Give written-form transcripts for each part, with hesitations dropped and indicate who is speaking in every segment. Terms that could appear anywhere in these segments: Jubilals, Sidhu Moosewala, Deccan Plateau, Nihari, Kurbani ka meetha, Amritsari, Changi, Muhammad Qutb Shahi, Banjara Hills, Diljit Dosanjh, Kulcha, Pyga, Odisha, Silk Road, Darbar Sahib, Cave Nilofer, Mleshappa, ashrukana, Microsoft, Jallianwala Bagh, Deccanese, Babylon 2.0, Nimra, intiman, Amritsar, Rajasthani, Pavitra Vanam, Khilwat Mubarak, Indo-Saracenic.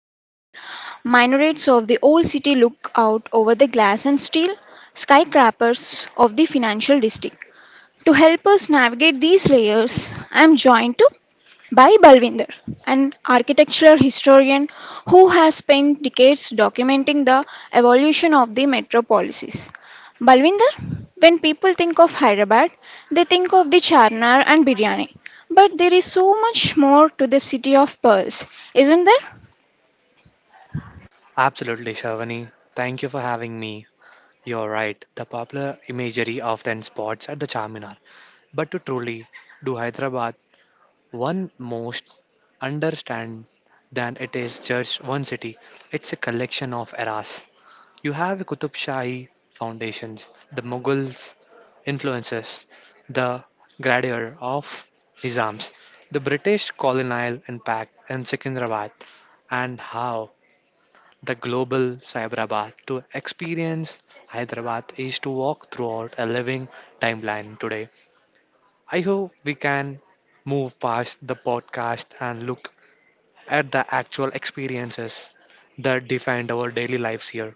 Speaker 1: year old minarets of the old city look out over the glass and steel skyscrapers of the financial district. To help us navigate these layers, I am joined to by Balvinder, an architectural historian who has spent decades documenting the evolution of the metro policies. Balvinder, when people think of Hyderabad, they think of the charnar and biryani. But there is so much more to the city of pearls, isn't there?
Speaker 2: Absolutely, Shavani. Thank you for having me. You're right, the popular imagery often spots at the Charminar. But to truly do Hyderabad one most understand than it is just one city, it's a collection of eras. You have Qutub Shahi foundations, the Mughals influences, the grandeur of Nizams, the British colonial impact in Secunderabad, and how the global Cyberabad. To experience Hyderabad is to walk throughout a living timeline today. I hope we can move past the podcast and look at the actual experiences that defined our daily lives here.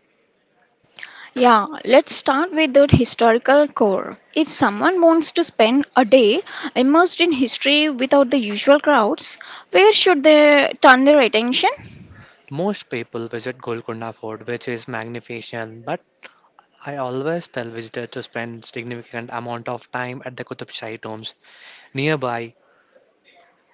Speaker 1: Yeah, let's start with the historical core. If someone wants to spend a day immersed in history without the usual crowds, where should they turn their attention?
Speaker 2: Most people visit Golconda Fort, which is magnificent, but I always tell visitors to spend significant amount of time at the Qutub Shahi tombs nearby.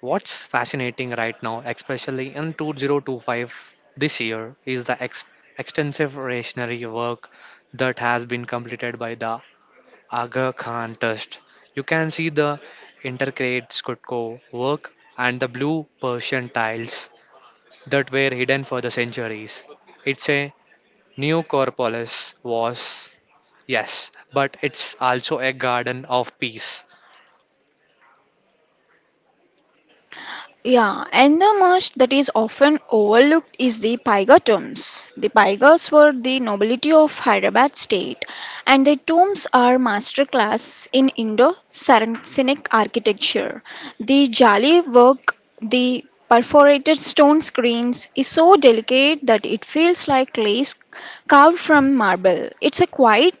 Speaker 2: What's fascinating right now, especially in 2025 this year, is the extensive rationary work that has been completed by the Aga Khan Trust. You can see the intercrate Skutko work and the blue Persian tiles that were hidden for the centuries. It's a Neocorpolis was, yes, but it's also a garden of peace.
Speaker 1: Yeah, and the most that is often overlooked is the Pyga tombs. The Pygas were the nobility of Hyderabad state, and their tombs are masterclass in Indo-Saracenic architecture. The jali work, the perforated stone screens, is so delicate that it feels like lace carved from marble. It's a quiet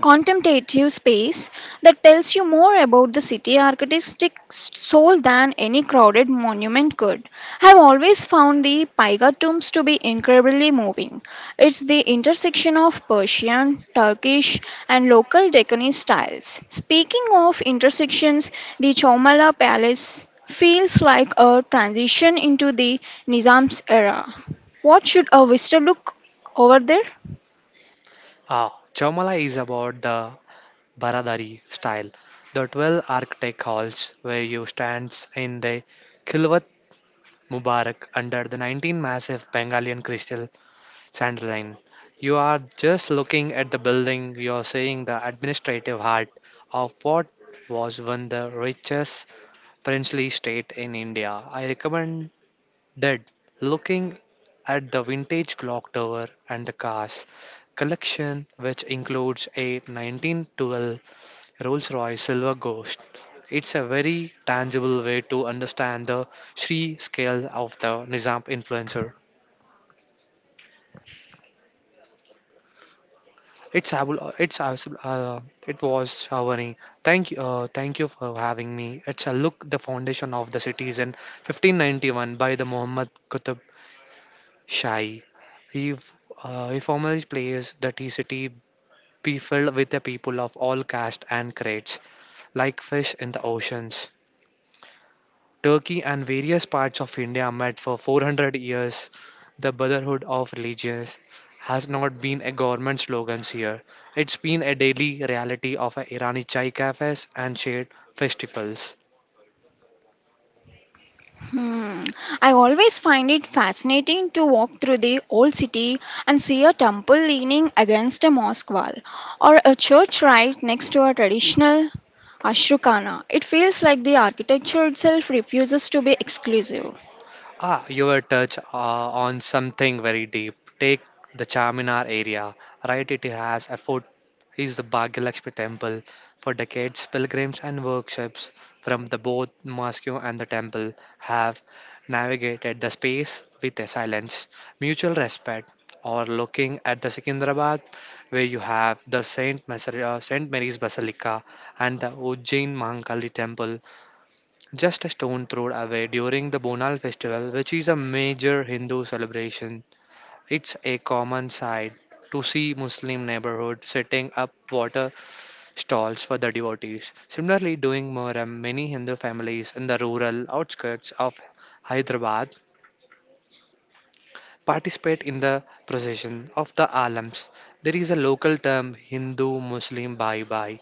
Speaker 1: contemplative space that tells you more about the city artistic soul than any crowded monument could. I've always found the Paiga tombs to be incredibly moving. It's the intersection of Persian, Turkish, and local Deccanese styles. Speaking of intersections, the Chomala Palace feels like a transition into the Nizam's era. What should a visitor look over there?
Speaker 2: Ah, Chamala is about the Baradari style. The 12 architect halls where you stands in the Khilwat Mubarak under the 19 massive Bengali crystal sandaline. You are just looking at the building, you are seeing the administrative heart of what was one the richest princely state in India. I recommend that looking at the vintage clock tower and the cars collection, which includes a 1912 Rolls Royce Silver Ghost. It's a very tangible way to understand the Sri scale of the Nizam influencer. It's abul- it's abs- It was Shavani. Thank you for having me. It's a look the foundation of the city is in 1591 by the Muhammad Qutb Shahi. He f- he formally plays that the city be filled with the people of all caste and grades, like fish in the oceans. Turkey and various parts of India met for 400 years. The Brotherhood of Religions has not been a government slogan here. It's been a daily reality of Irani chai cafes and shared festivals.
Speaker 1: Hmm. I always find it fascinating to walk through the old city and see a temple leaning against a mosque wall or a church right next to a traditional ashrukana. It feels like the architecture itself refuses to be exclusive.
Speaker 2: Ah, you were touch on something very deep. Take the Charminar area, right? It has a fort, is the Bhagyalakshmi temple. For decades, pilgrims and workshops from the both mosque and the temple have navigated the space with a silence, mutual respect. Or looking at the Secunderabad, where you have the Saint Mary's Basilica and the Ujjain Mahankali temple just a stone throw away during the Bonal festival, which is a major Hindu celebration. It's a common sight to see Muslim neighborhoods setting up water stalls for the devotees. Similarly, during Muharram, many Hindu families in the rural outskirts of Hyderabad participate in the procession of the alams. There is a local term Hindu Muslim Bhai Bhai,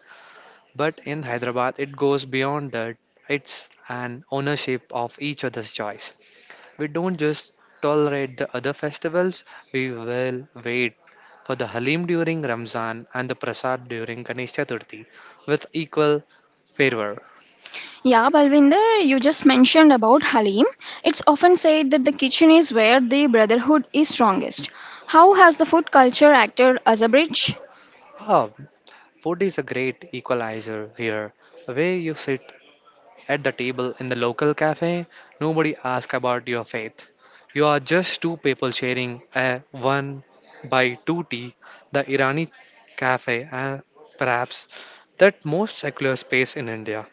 Speaker 2: but in Hyderabad it goes beyond that. It's an ownership of each other's choice. We don't just tolerate the other festivals, we will wait for the Halim during Ramzan and the Prasad during Ganesh Chaturthi with equal fervor.
Speaker 1: Yeah, Balvinder, you just mentioned about Halim. It's often said that the kitchen is where the brotherhood is strongest. How has the food culture acted as a bridge?
Speaker 2: Ah, food is a great equalizer here. Where you sit at the table in the local cafe, nobody asks about your faith. You are just two people sharing a one by two tea, the Irani cafe, and perhaps that most secular space in India.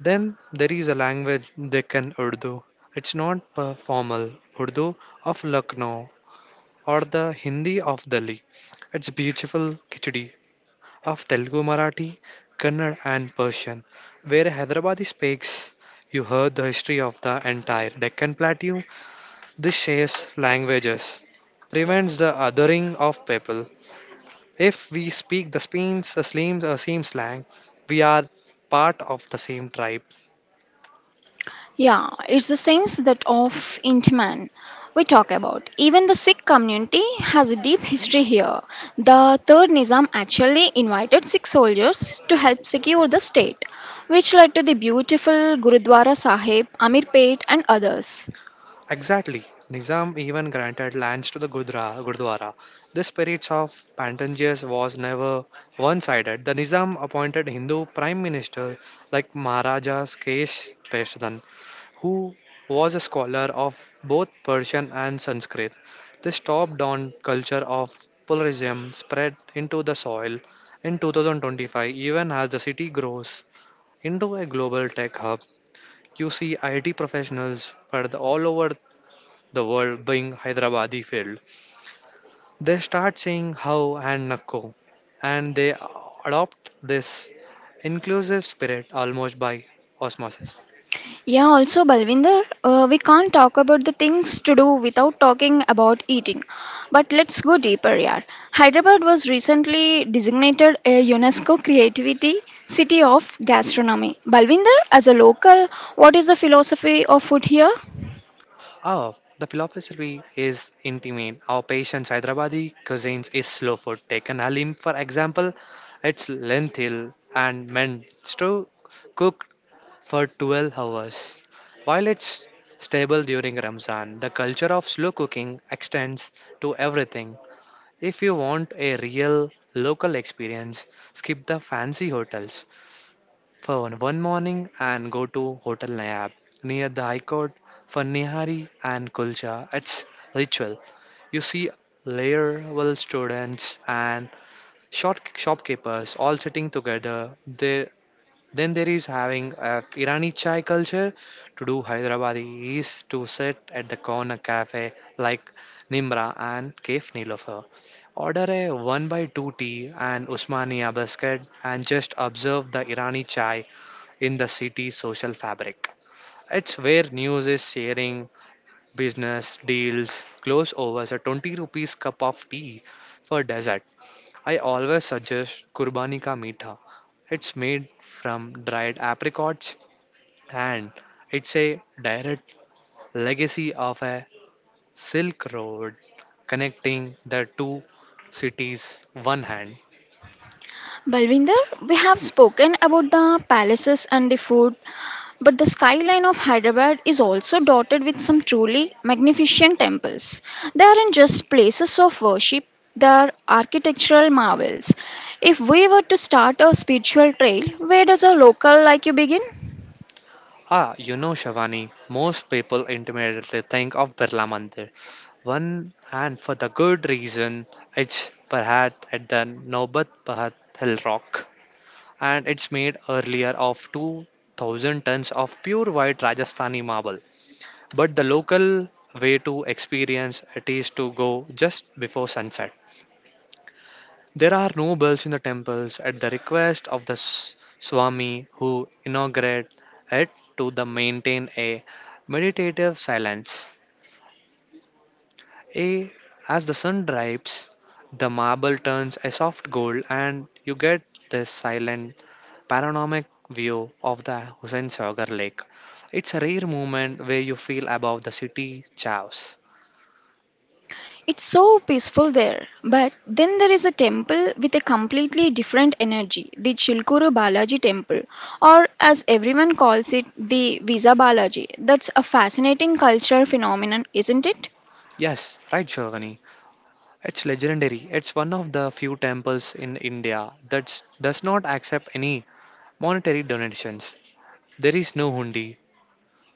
Speaker 2: Then there is a language they can Urdu. It's not a formal Urdu of Lucknow or the Hindi of Delhi. It's beautiful Khichdi of Telugu, Marathi, Kannada, and Persian, where Hyderabadi speaks. You heard the history of the entire Deccan Plateau. This shares languages, prevents the othering of people. If we speak the Spain's, the Slim's, or same slang, we are part of the same tribe.
Speaker 1: Yeah, it's the sense that of intiman we talk about. Even the Sikh community has a deep history here. The third Nizam actually invited Sikh soldiers to help secure the state, which led to the beautiful Gurudwara Sahib, Amirpet, and others.
Speaker 2: Exactly. Nizam even granted lands to the Gurdwara. The spirit of Patanjali was never one-sided. The Nizam appointed Hindu prime minister like Maharajas Kesh Peshwadan, who was a scholar of both Persian and Sanskrit. This top-down culture of pluralism spread into the soil in 2025, even as the city grows into a global tech hub. You see IT professionals spread all over the world being Hyderabadi field, they start saying how and nakko, and they adopt this inclusive spirit almost by osmosis.
Speaker 1: Yeah, also Balvinder, we can't talk about the things to do without talking about eating. But let's go deeper, yeah. Hyderabad was recently designated a UNESCO Creativity City of Gastronomy. Balvinder, as a local, what is the philosophy of food here?
Speaker 2: Oh, the philosophy is intimate. Our patient's Hyderabadi cuisines is slow food. Taken halim, for example, it's lentil and meant to cook for 12 hours. While it's stable during Ramzan, the culture of slow cooking extends to everything. If you want a real local experience, skip the fancy hotels for one morning and go to Hotel Nayab near the High Court for Nihari and Kulcha. It's ritual. You see layer layered students and short shopkeepers all sitting together. There, then there is having a Irani chai culture to do Hyderabadi is to sit at the corner cafe like Nimra and Cave Nilofer. Order a 1 by 2 tea and Usmania biscuit and just observe the Irani chai in the city social fabric. It's where news is sharing, business, deals, close overs, a 20 rupees cup of tea for dessert. I always suggest Kurbani ka meetha. It's made from dried apricots and it's a direct legacy of a Silk Road connecting the two cities one hand.
Speaker 1: Balvinder, we have spoken about the palaces and the food, but the skyline of Hyderabad is also dotted with some truly magnificent temples. They aren't just places of worship, they are architectural marvels. If we were to start a spiritual trail, where does a local like you begin?
Speaker 2: Ah, you know, Shavani, most people intimately think of Birla Mandir. One, and for the good reason, it's perhaps at the Nobat Pahat Hill Rock, and it's made earlier of 2,000 tons of pure white Rajasthani marble. But the local way to experience it is to go just before sunset. There are no bells in the temples at the request of the Swami who inaugurate it to the maintain a meditative silence. A, as the sun dips, the marble turns a soft gold and you get this silent panoramic view of the Hussain Sagar Lake. It's a rare moment where you feel above the city chaos.
Speaker 1: It's so peaceful there. But then there is a temple with a completely different energy, the Chilkuru Balaji temple, or as everyone calls it, the Visa Balaji. That's a fascinating cultural phenomenon, isn't it?
Speaker 2: Yes, right, Shogani. It's legendary. It's one of the few temples in India that does not accept any monetary donations. There is no hundi.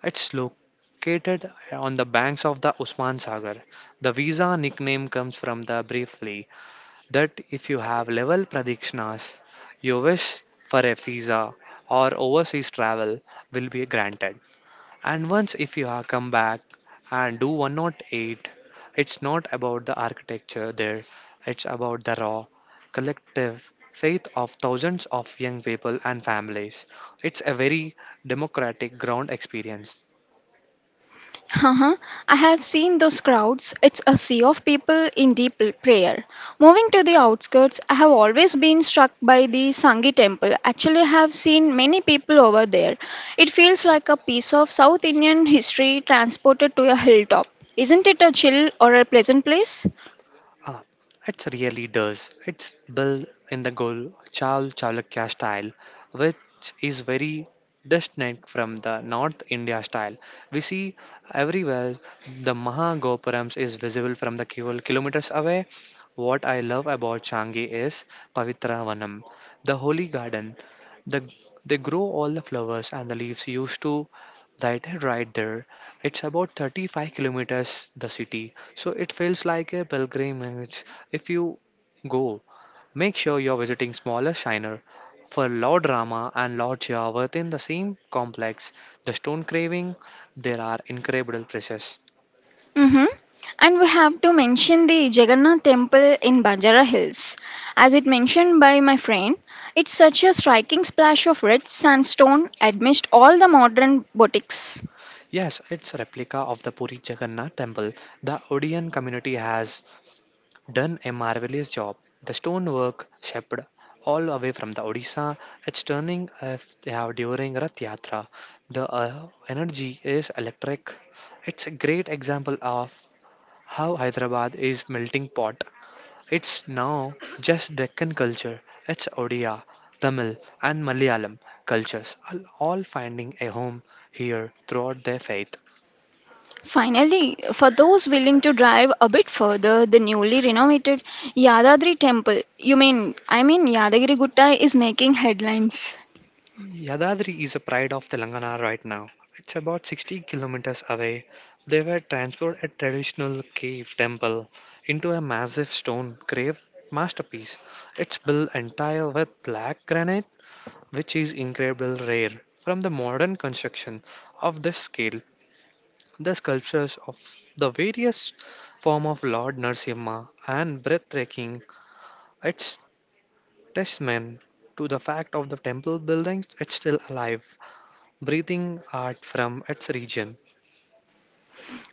Speaker 2: It's located on the banks of the Usman Sagar. The visa nickname comes from the briefly that if you have level pradikshnas, your wish for a visa or overseas travel will be granted. And once if you are come back and do 108, it's not about the architecture there, it's about the raw, collective faith of thousands of young people and families. It's a very democratic ground experience.
Speaker 1: Uh-huh. I have seen those crowds. It's a sea of people in deep l- prayer. Moving to the outskirts, I have always been struck by the Sangi temple. Actually, I have seen many people over there. It feels like a piece of South Indian history transported to a hilltop. Isn't it a chill or a pleasant place?
Speaker 2: Uh, it really does. It's built in the Gol Chal Chalukya style, which is very distinct from the North India style. We see everywhere the Mahagopurams is visible from the kilometers away. What I love about Changi is Pavitra Vanam, the holy garden. The, they grow all the flowers and the leaves used to that right there it's about 35 kilometers the city so it feels like a pilgrimage. If you go, make sure you're visiting smaller shiner for Lord Rama and Lord Shiva within the same complex, the stone carving, there are incredible treasures.
Speaker 1: Hmm. And we have to mention the Jagannath Temple in Banjara Hills. As it mentioned by my friend, it's such a striking splash of red sandstone amidst all the modern boutiques.
Speaker 2: Yes, it's a replica of the Puri Jagannath temple. The Odeon community has done a marvelous job. The stonework shaped all away from the Odisha, it's turning during Rath Yatra. The energy is electric. It's a great example of how Hyderabad is melting pot. It's now just Deccan culture. It's Odia, Tamil, and Malayalam cultures are all finding a home here throughout their faith.
Speaker 1: Finally, for those willing to drive a bit further, the newly renovated Yadadri Temple, you mean, I mean Yadagiri Gutta is making headlines.
Speaker 2: Yadadri is a pride of Telangana right now. It's about 60 kilometers away. They were transformed a traditional cave temple into a massive stone grave masterpiece. It's built entire with black granite, which is incredibly rare. From the modern construction of this scale, the sculptures of the various form of Lord Narasimha and breathtaking, it's testament to the fact of the temple building it's still alive breathing art from its region.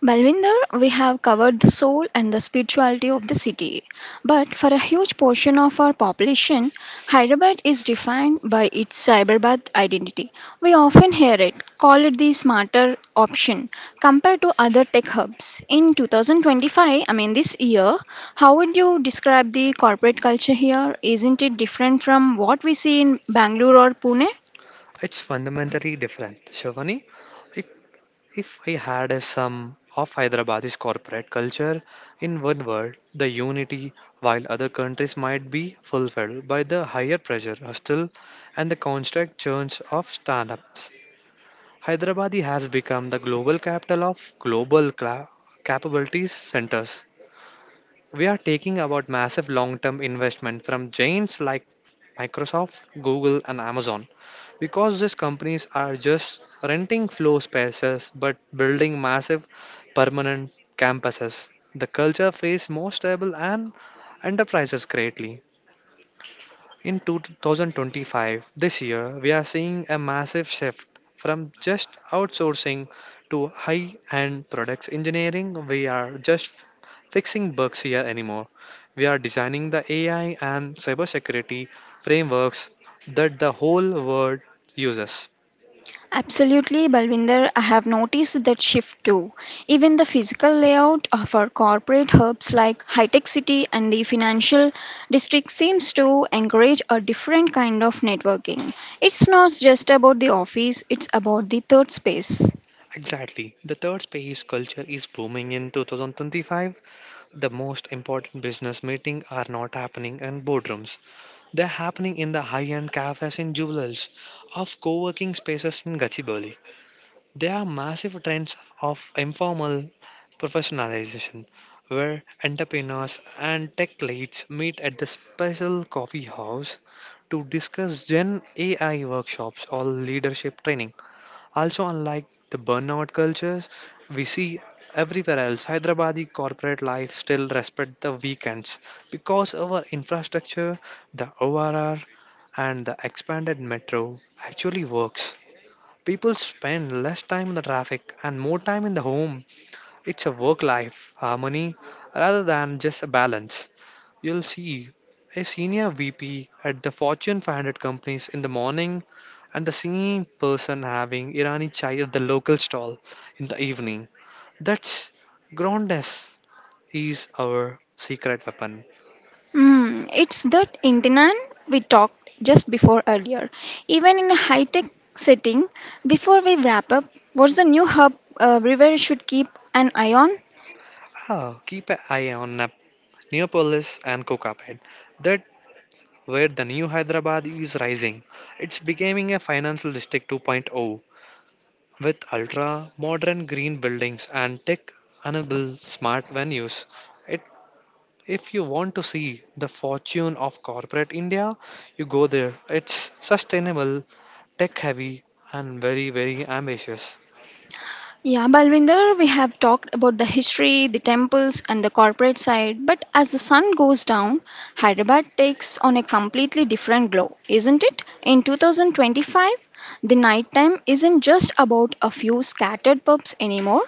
Speaker 1: Balwinder, we have covered the soul and the spirituality of the city. But for a huge portion of our population, Hyderabad is defined by its cyberbath identity. We often hear it call it the smarter option compared to other tech hubs. In 2025, I mean this year, how would you describe the corporate culture here? Isn't it different from what we see in Bangalore or Pune?
Speaker 2: It's fundamentally different. Shivani, if, if I had a sum of Hyderabad's corporate culture in one word, the unity, while other countries might be fulfilled by the higher pressure, hustle, and the constant churns of stand-ups. Hyderabad has become the global capital of capabilities centers. We are taking about massive long-term investment from giants like Microsoft, Google, and Amazon because these companies are just renting floor spaces but building massive permanent campuses. The culture feels more stable and enterprises greatly. In 2025, this year, we are seeing a massive shift from just outsourcing to high end products engineering. We are just fixing bugs here anymore. We are designing the AI and cybersecurity frameworks that the whole world uses.
Speaker 1: Absolutely, Balvinder. I have noticed that shift too. Even the physical layout of our corporate hubs like High Tech City and the financial district seems to encourage a different kind of networking. It's not just about the office, it's about the third space.
Speaker 2: Exactly. The third space culture is booming in 2025. The most important business meetings are not happening in boardrooms. They're happening in the high-end cafes in Jubilals, of co-working spaces in Gachibowli. There are massive trends of informal professionalization, where entrepreneurs and tech leads meet at the special coffee house to discuss Gen AI workshops or leadership training. Also, unlike the burnout cultures we see everywhere else, Hyderabadi corporate life still respect the weekends because our infrastructure, the ORR, and the expanded metro actually works. People spend less time in the traffic and more time in the home. It's a work life harmony rather than just a balance. You'll see a senior VP at the Fortune 500 companies in the morning and the same person having Irani chai at the local stall in the evening. That's groundness is our secret weapon.
Speaker 1: Hmm, it's that internet we talked just before earlier. Even in a high tech setting, before we wrap up, what's the new hub River should keep an eye on?
Speaker 2: Keep an eye on Neapolis and Kokapet. That where the new Hyderabad is rising. It's becoming a financial district 2.0 with ultra modern green buildings and tech enable smart venues. It If you want to see the fortune of corporate India, you go there. It's sustainable, tech heavy, and very, very ambitious.
Speaker 1: Yeah, Balvinder, we have talked about the history, the temples, and the corporate side, but as the sun goes down, Hyderabad takes on a completely different glow, isn't it? In 2025, the nighttime isn't just about a few scattered pubs anymore,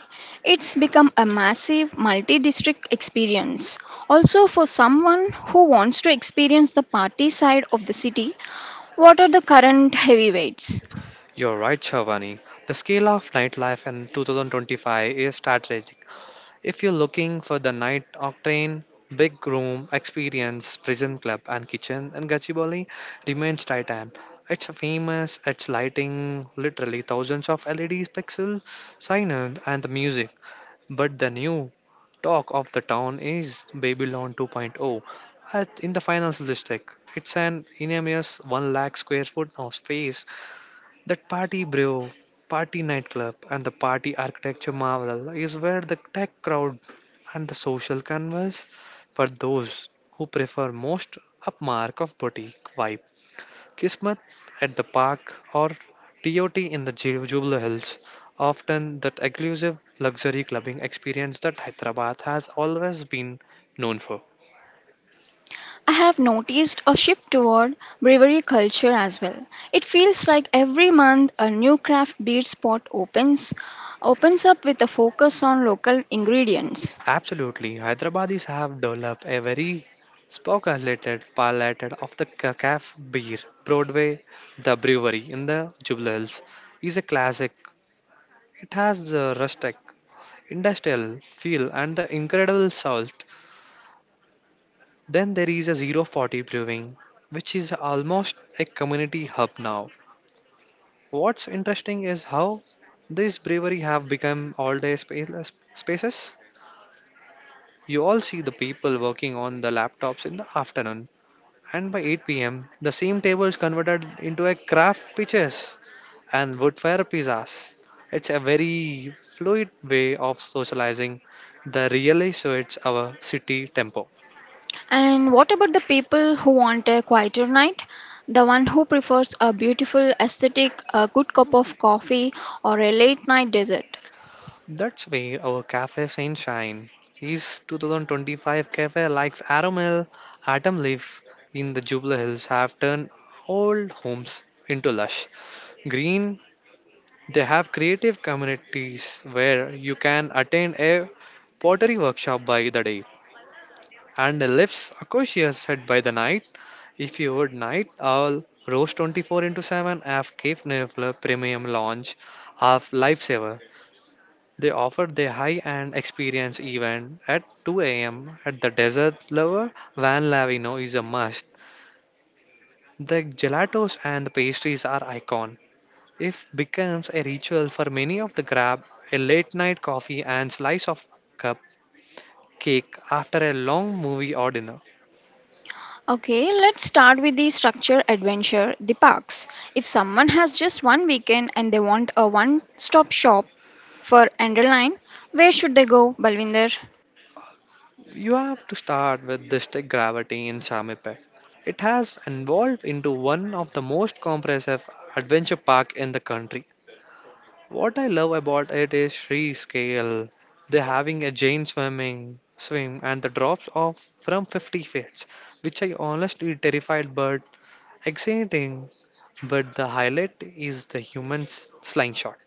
Speaker 1: it's become a massive multi district experience. Also, for someone who wants to experience the party side of the city, what are the current heavyweights?
Speaker 2: You're right, Shavani. The scale of nightlife in 2025 is strategic. If you're looking for the night octane, big room experience, prison club, and kitchen in Gachibowli remains titan. It's famous, it's lighting, literally thousands of LEDs pixel, signage, and the music. But the new talk of the town is Babylon 2.0 in the finance district. It's an enormous 1 lakh square foot of space. That party brew, party nightclub, and the party architecture marvel is where the tech crowd and the social converse for those who prefer most upmark of boutique vibe. Kismet at the park or TOT in the Jubilee Hills, often that exclusive luxury clubbing experience that Hyderabad has always been known for.
Speaker 1: I have noticed a shift toward brewery culture as well. It feels like every month a new craft beer spot opens up with a focus on local ingredients.
Speaker 2: Absolutely, Hyderabadis have developed a very speculated palette of the caf beer. Broadway, the brewery in the Jubilee Hills, is a classic. It has the rustic, industrial feel and the incredible soul. Then there is a zero 040 Brewing, which is almost a community hub now. What's interesting is how this brewery have become all-day spaces. You all see the people working on the laptops in the afternoon, and by 8 p.m., the same table is converted into a craft pitches and woodfire pizzas. It's a very fluid way of socializing. The really suits our city tempo.
Speaker 1: And what about the people who want a quieter night? The one who prefers a beautiful aesthetic, a good cup of coffee or a late night dessert.
Speaker 2: That's where our cafe sunshine. His 2025 cafe likes Aramel, Atom Leaf in the Jubilee Hills have turned old homes into lush green. They have creative communities where you can attend a pottery workshop by the day and a lifts Acacia's set by the night. If you would night owl, Rose 24 into 7 have Cape Nifla Premium Lounge of Lifesaver they offered the high-end experience event at 2 a.m. at the Desert Lover. Van Lavino is a must. The gelatos and the pastries are icon. It becomes a ritual for many of the grab a late-night coffee and slice of cup cake after a long movie or dinner.
Speaker 1: Okay, let's start with the structure adventure, the parks. If someone has just one weekend and they want a one stop shop for underline, where should they go, Balvinder?
Speaker 2: You have to start with the stick gravity in Samipet. It has evolved into one of the most comprehensive adventure park in the country. What I love about it is free scale. They're having a giant swimming swim and the drops off from 50 feet, which I honestly terrified but exciting. But the highlight is the human slingshot.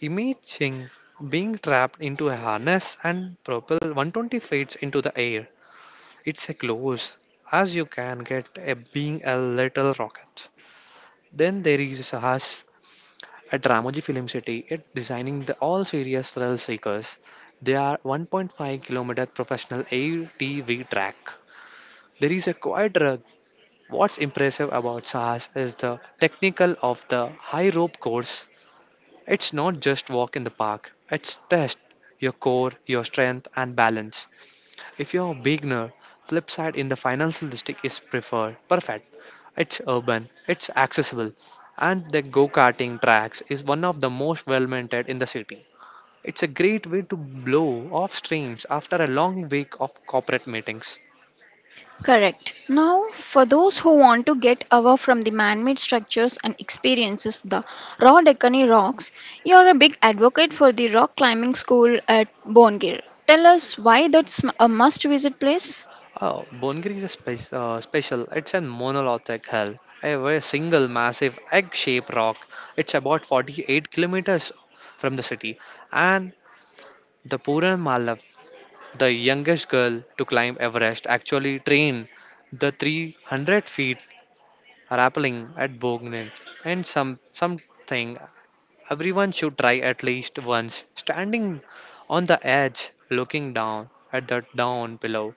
Speaker 2: Imagine being trapped into a harness and propelled 120 feet into the air. It's as close as you can get a being a little rocket. Then there is us at Ramoji Film City, it designing the all serious thrill seekers. They are 1.5-kilometer professional ATV track. There is a quiet rug. What's impressive about Sahas is the technical of the high rope course. It's not just walk in the park. It's test your core, your strength and balance. If you're a beginner, Flipside in the financial district is preferred. Perfect. It's urban, it's accessible, and the go-karting tracks is one of the most well-maintained in the city. It's a great way to blow off streams after a long week of corporate meetings.
Speaker 1: Correct. Now, for those who want to get away from the man made structures and experiences the raw Deccani rocks, you're a big advocate for the rock climbing school at Bongir. Tell us why that's a must visit place.
Speaker 2: Oh, Bonegiri is a special. It's a monolithic hill, a very single massive egg-shaped rock. It's about 48 kilometers from the city, and the Puran Mala. The youngest girl to climb Everest actually trained the 300 feet rappelling at Bognin and something everyone should try at least once. Standing on the edge, looking down at the down below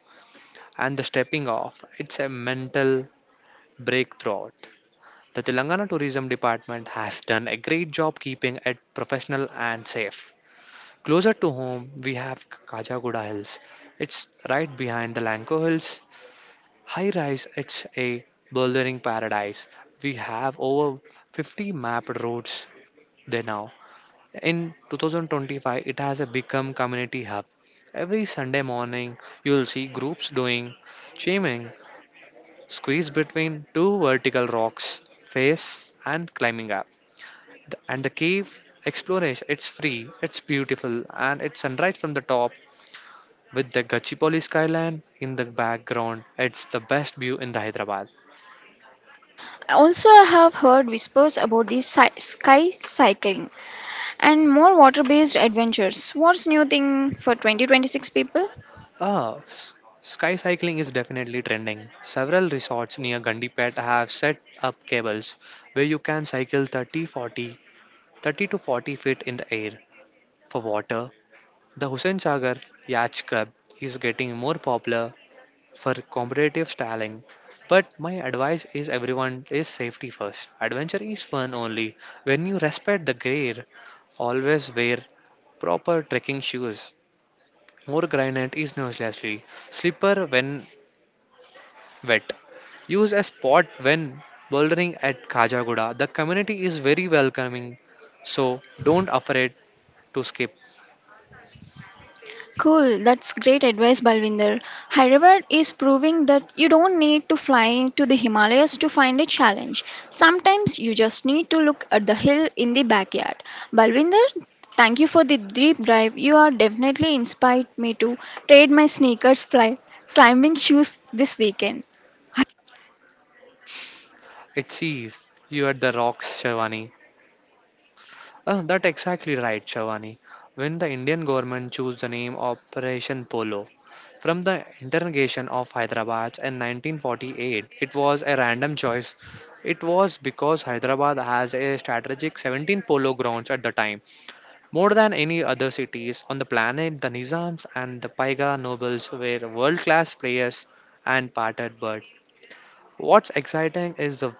Speaker 2: and the stepping off, it's a mental breakthrough. The Telangana Tourism Department has done a great job keeping it professional and safe. Closer to home, we have Kajaguda Hills. It's right behind the Lanco Hills. High rise, it's a bouldering paradise. We have over 50 mapped routes there now. In 2025, it has a become community hub. Every Sunday morning, you'll see groups doing chaining, squeeze between two vertical rocks, face and climbing up. And the cave exploration, it's free, it's beautiful, and it's sunrise from the top with the Gachipoli skyline in the background. It's the best view in the Hyderabad.
Speaker 1: Also, I have heard whispers about the sci- sky cycling and more water based adventures. What's new thing for 2026 people?
Speaker 2: Ah, s- sky cycling is definitely trending. Several resorts near Gandipet have set up cables where you can cycle 30 to 40 feet in the air. For water, the Hussain Sagar Yacht Club is getting more popular for competitive styling. But my advice is everyone is safety first. Adventure is fun only when you respect the gear. Always wear proper trekking shoes. More granite is uselessly. Slipper when wet. Use a spot when bouldering at Kajaguda. The community is very welcoming, so don't afraid to skip.
Speaker 1: Cool, that's great advice, Balvinder. Hyderabad is proving that you don't need to fly into the Himalayas to find a challenge. Sometimes you just need to look at the hill in the backyard. Balvinder, thank you for the deep dive. You are definitely inspired me to trade my sneakers fly climbing shoes this weekend.
Speaker 2: It sees you at the rocks, Shavani. That exactly right, Shavani. When the Indian government chose the name Operation Polo from the interrogation of Hyderabad in 1948, it was a random choice. It was because Hyderabad has a strategic 17 polo grounds at the time. More than any other cities on the planet, the Nizams and the Paiga nobles were world-class players and parted bird. What's exciting is the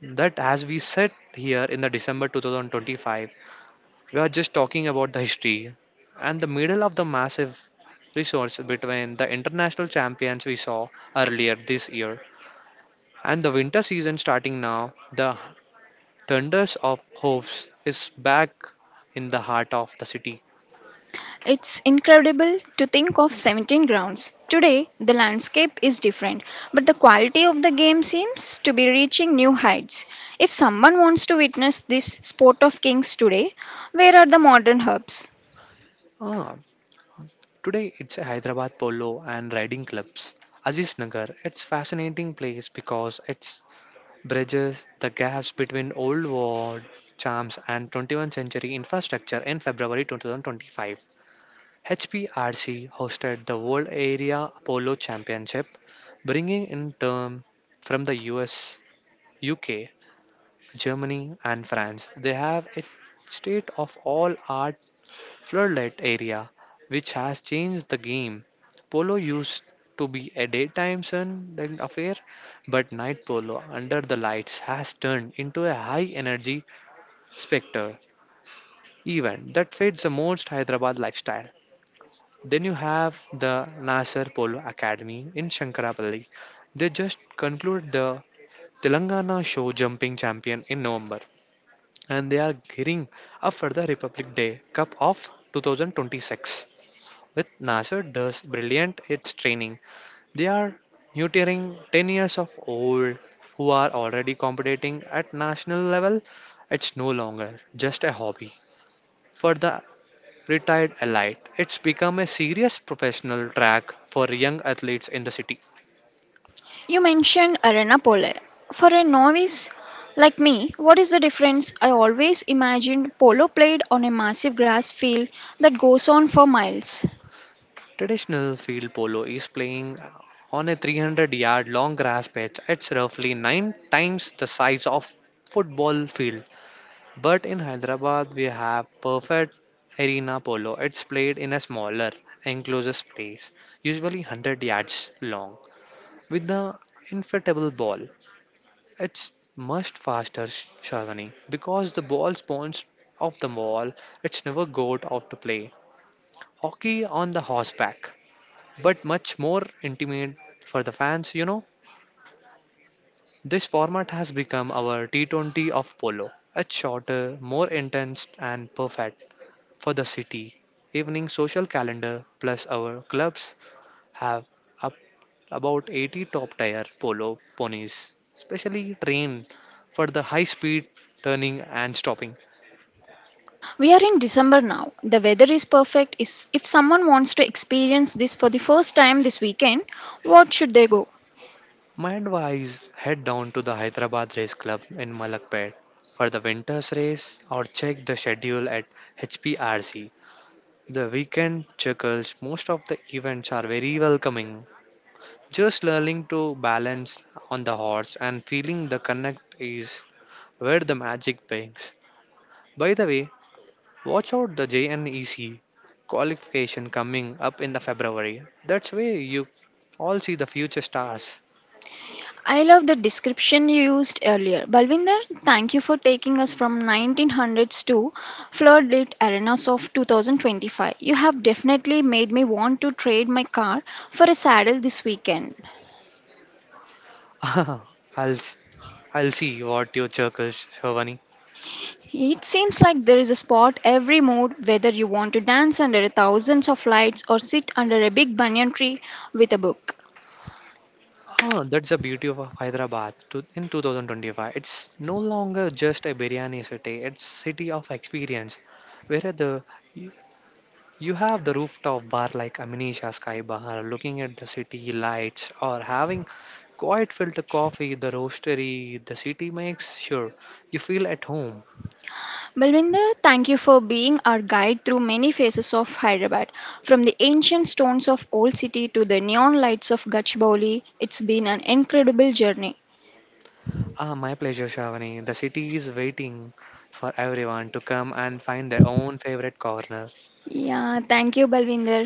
Speaker 2: that as we sit here in the December 2025 we are just talking about the history and the middle of the massive resource between the international champions we saw earlier this year and the winter season starting now. The thunders of hopes is back in the heart of the city.
Speaker 1: It's incredible to think of 17 grounds. Today, the landscape is different, but the quality of the game seems to be reaching new heights. If someone wants to witness this sport of kings today, where are the modern hubs?
Speaker 2: Ah, today it's a Hyderabad Polo and Riding Clubs. Aziz Nagar, it's fascinating place because it bridges the gaps between old world charms and 21st century infrastructure in February 2025. HPRC hosted the World Area Polo Championship, bringing in term from the US, UK, Germany, and France. They have a state of all art floodlight area, which has changed the game. Polo used to be a daytime sun affair, but night polo under the lights has turned into a high energy spectre event that fits the most Hyderabad lifestyle. Then you have the Nasser Polo Academy in Shankarapalli. They just concluded the Telangana show jumping champion in November and they are gearing up for the Republic Day Cup of 2026. With Nasser does brilliant its training. They are neutering 10 years of old who are already competing at national level. It's no longer just a hobby for the Retired Elite. It's become a serious professional track for young athletes in the city.
Speaker 1: You mentioned Arena Polo. For a novice like me, what is the difference? I always imagined polo played on a massive grass field that goes on for miles.
Speaker 2: Traditional field polo is playing on a 300-yard long grass pitch. It's roughly 9 times the size of football field. But in Hyderabad we have perfect arena polo. It's played in a smaller enclosed space, usually 100 yards long, with the inflatable ball. It's much faster, Shalini, because the ball spawns off the wall. It's never got out to play. Hockey on the horseback, but much more intimate for the fans, you know. This format has become our T20 of polo. It's shorter, more intense, and perfect for the city evening social calendar plus our clubs have up about 80 top tier polo ponies, specially trained for the high speed turning and stopping.
Speaker 1: We are in December now. The weather is perfect. Is if someone wants to experience this for the first time this weekend, what should they go?
Speaker 2: My advice head down to the Hyderabad Race Club in Malakpet for the winter's race or check the schedule at HPRC. The weekend circles, most of the events are very welcoming. Just learning to balance on the horse and feeling the connect is where the magic begins. By the way, watch out the JNEC qualification coming up in the February. That's where you all see the future stars.
Speaker 1: I love the description you used earlier. Balvinder, thank you for taking us from 1900s to floodlit arenas of 2025. You have definitely made me want to trade my car for a saddle this weekend.
Speaker 2: I'll s- I'll see what your circles, Shivani.
Speaker 1: It seems like there is a spot every mood, whether you want to dance under thousands of lights or sit under a big banyan tree with a book.
Speaker 2: That's the beauty of Hyderabad to, in 2025. It's no longer just a biryani city. It's city of experience, where the you have the rooftop bar like Amnesia Sky Bar, looking at the city lights, or having quiet filter coffee, the roastery the city makes. Sure, you feel at home.
Speaker 1: Balwinder, thank you for being our guide through many phases of Hyderabad. From the ancient stones of Old City to the neon lights of Gachibowli, it's been an incredible journey.
Speaker 2: My pleasure, Shavani. The city is waiting for everyone to come and find their own favorite corner.
Speaker 1: Yeah, thank you, Balwinder.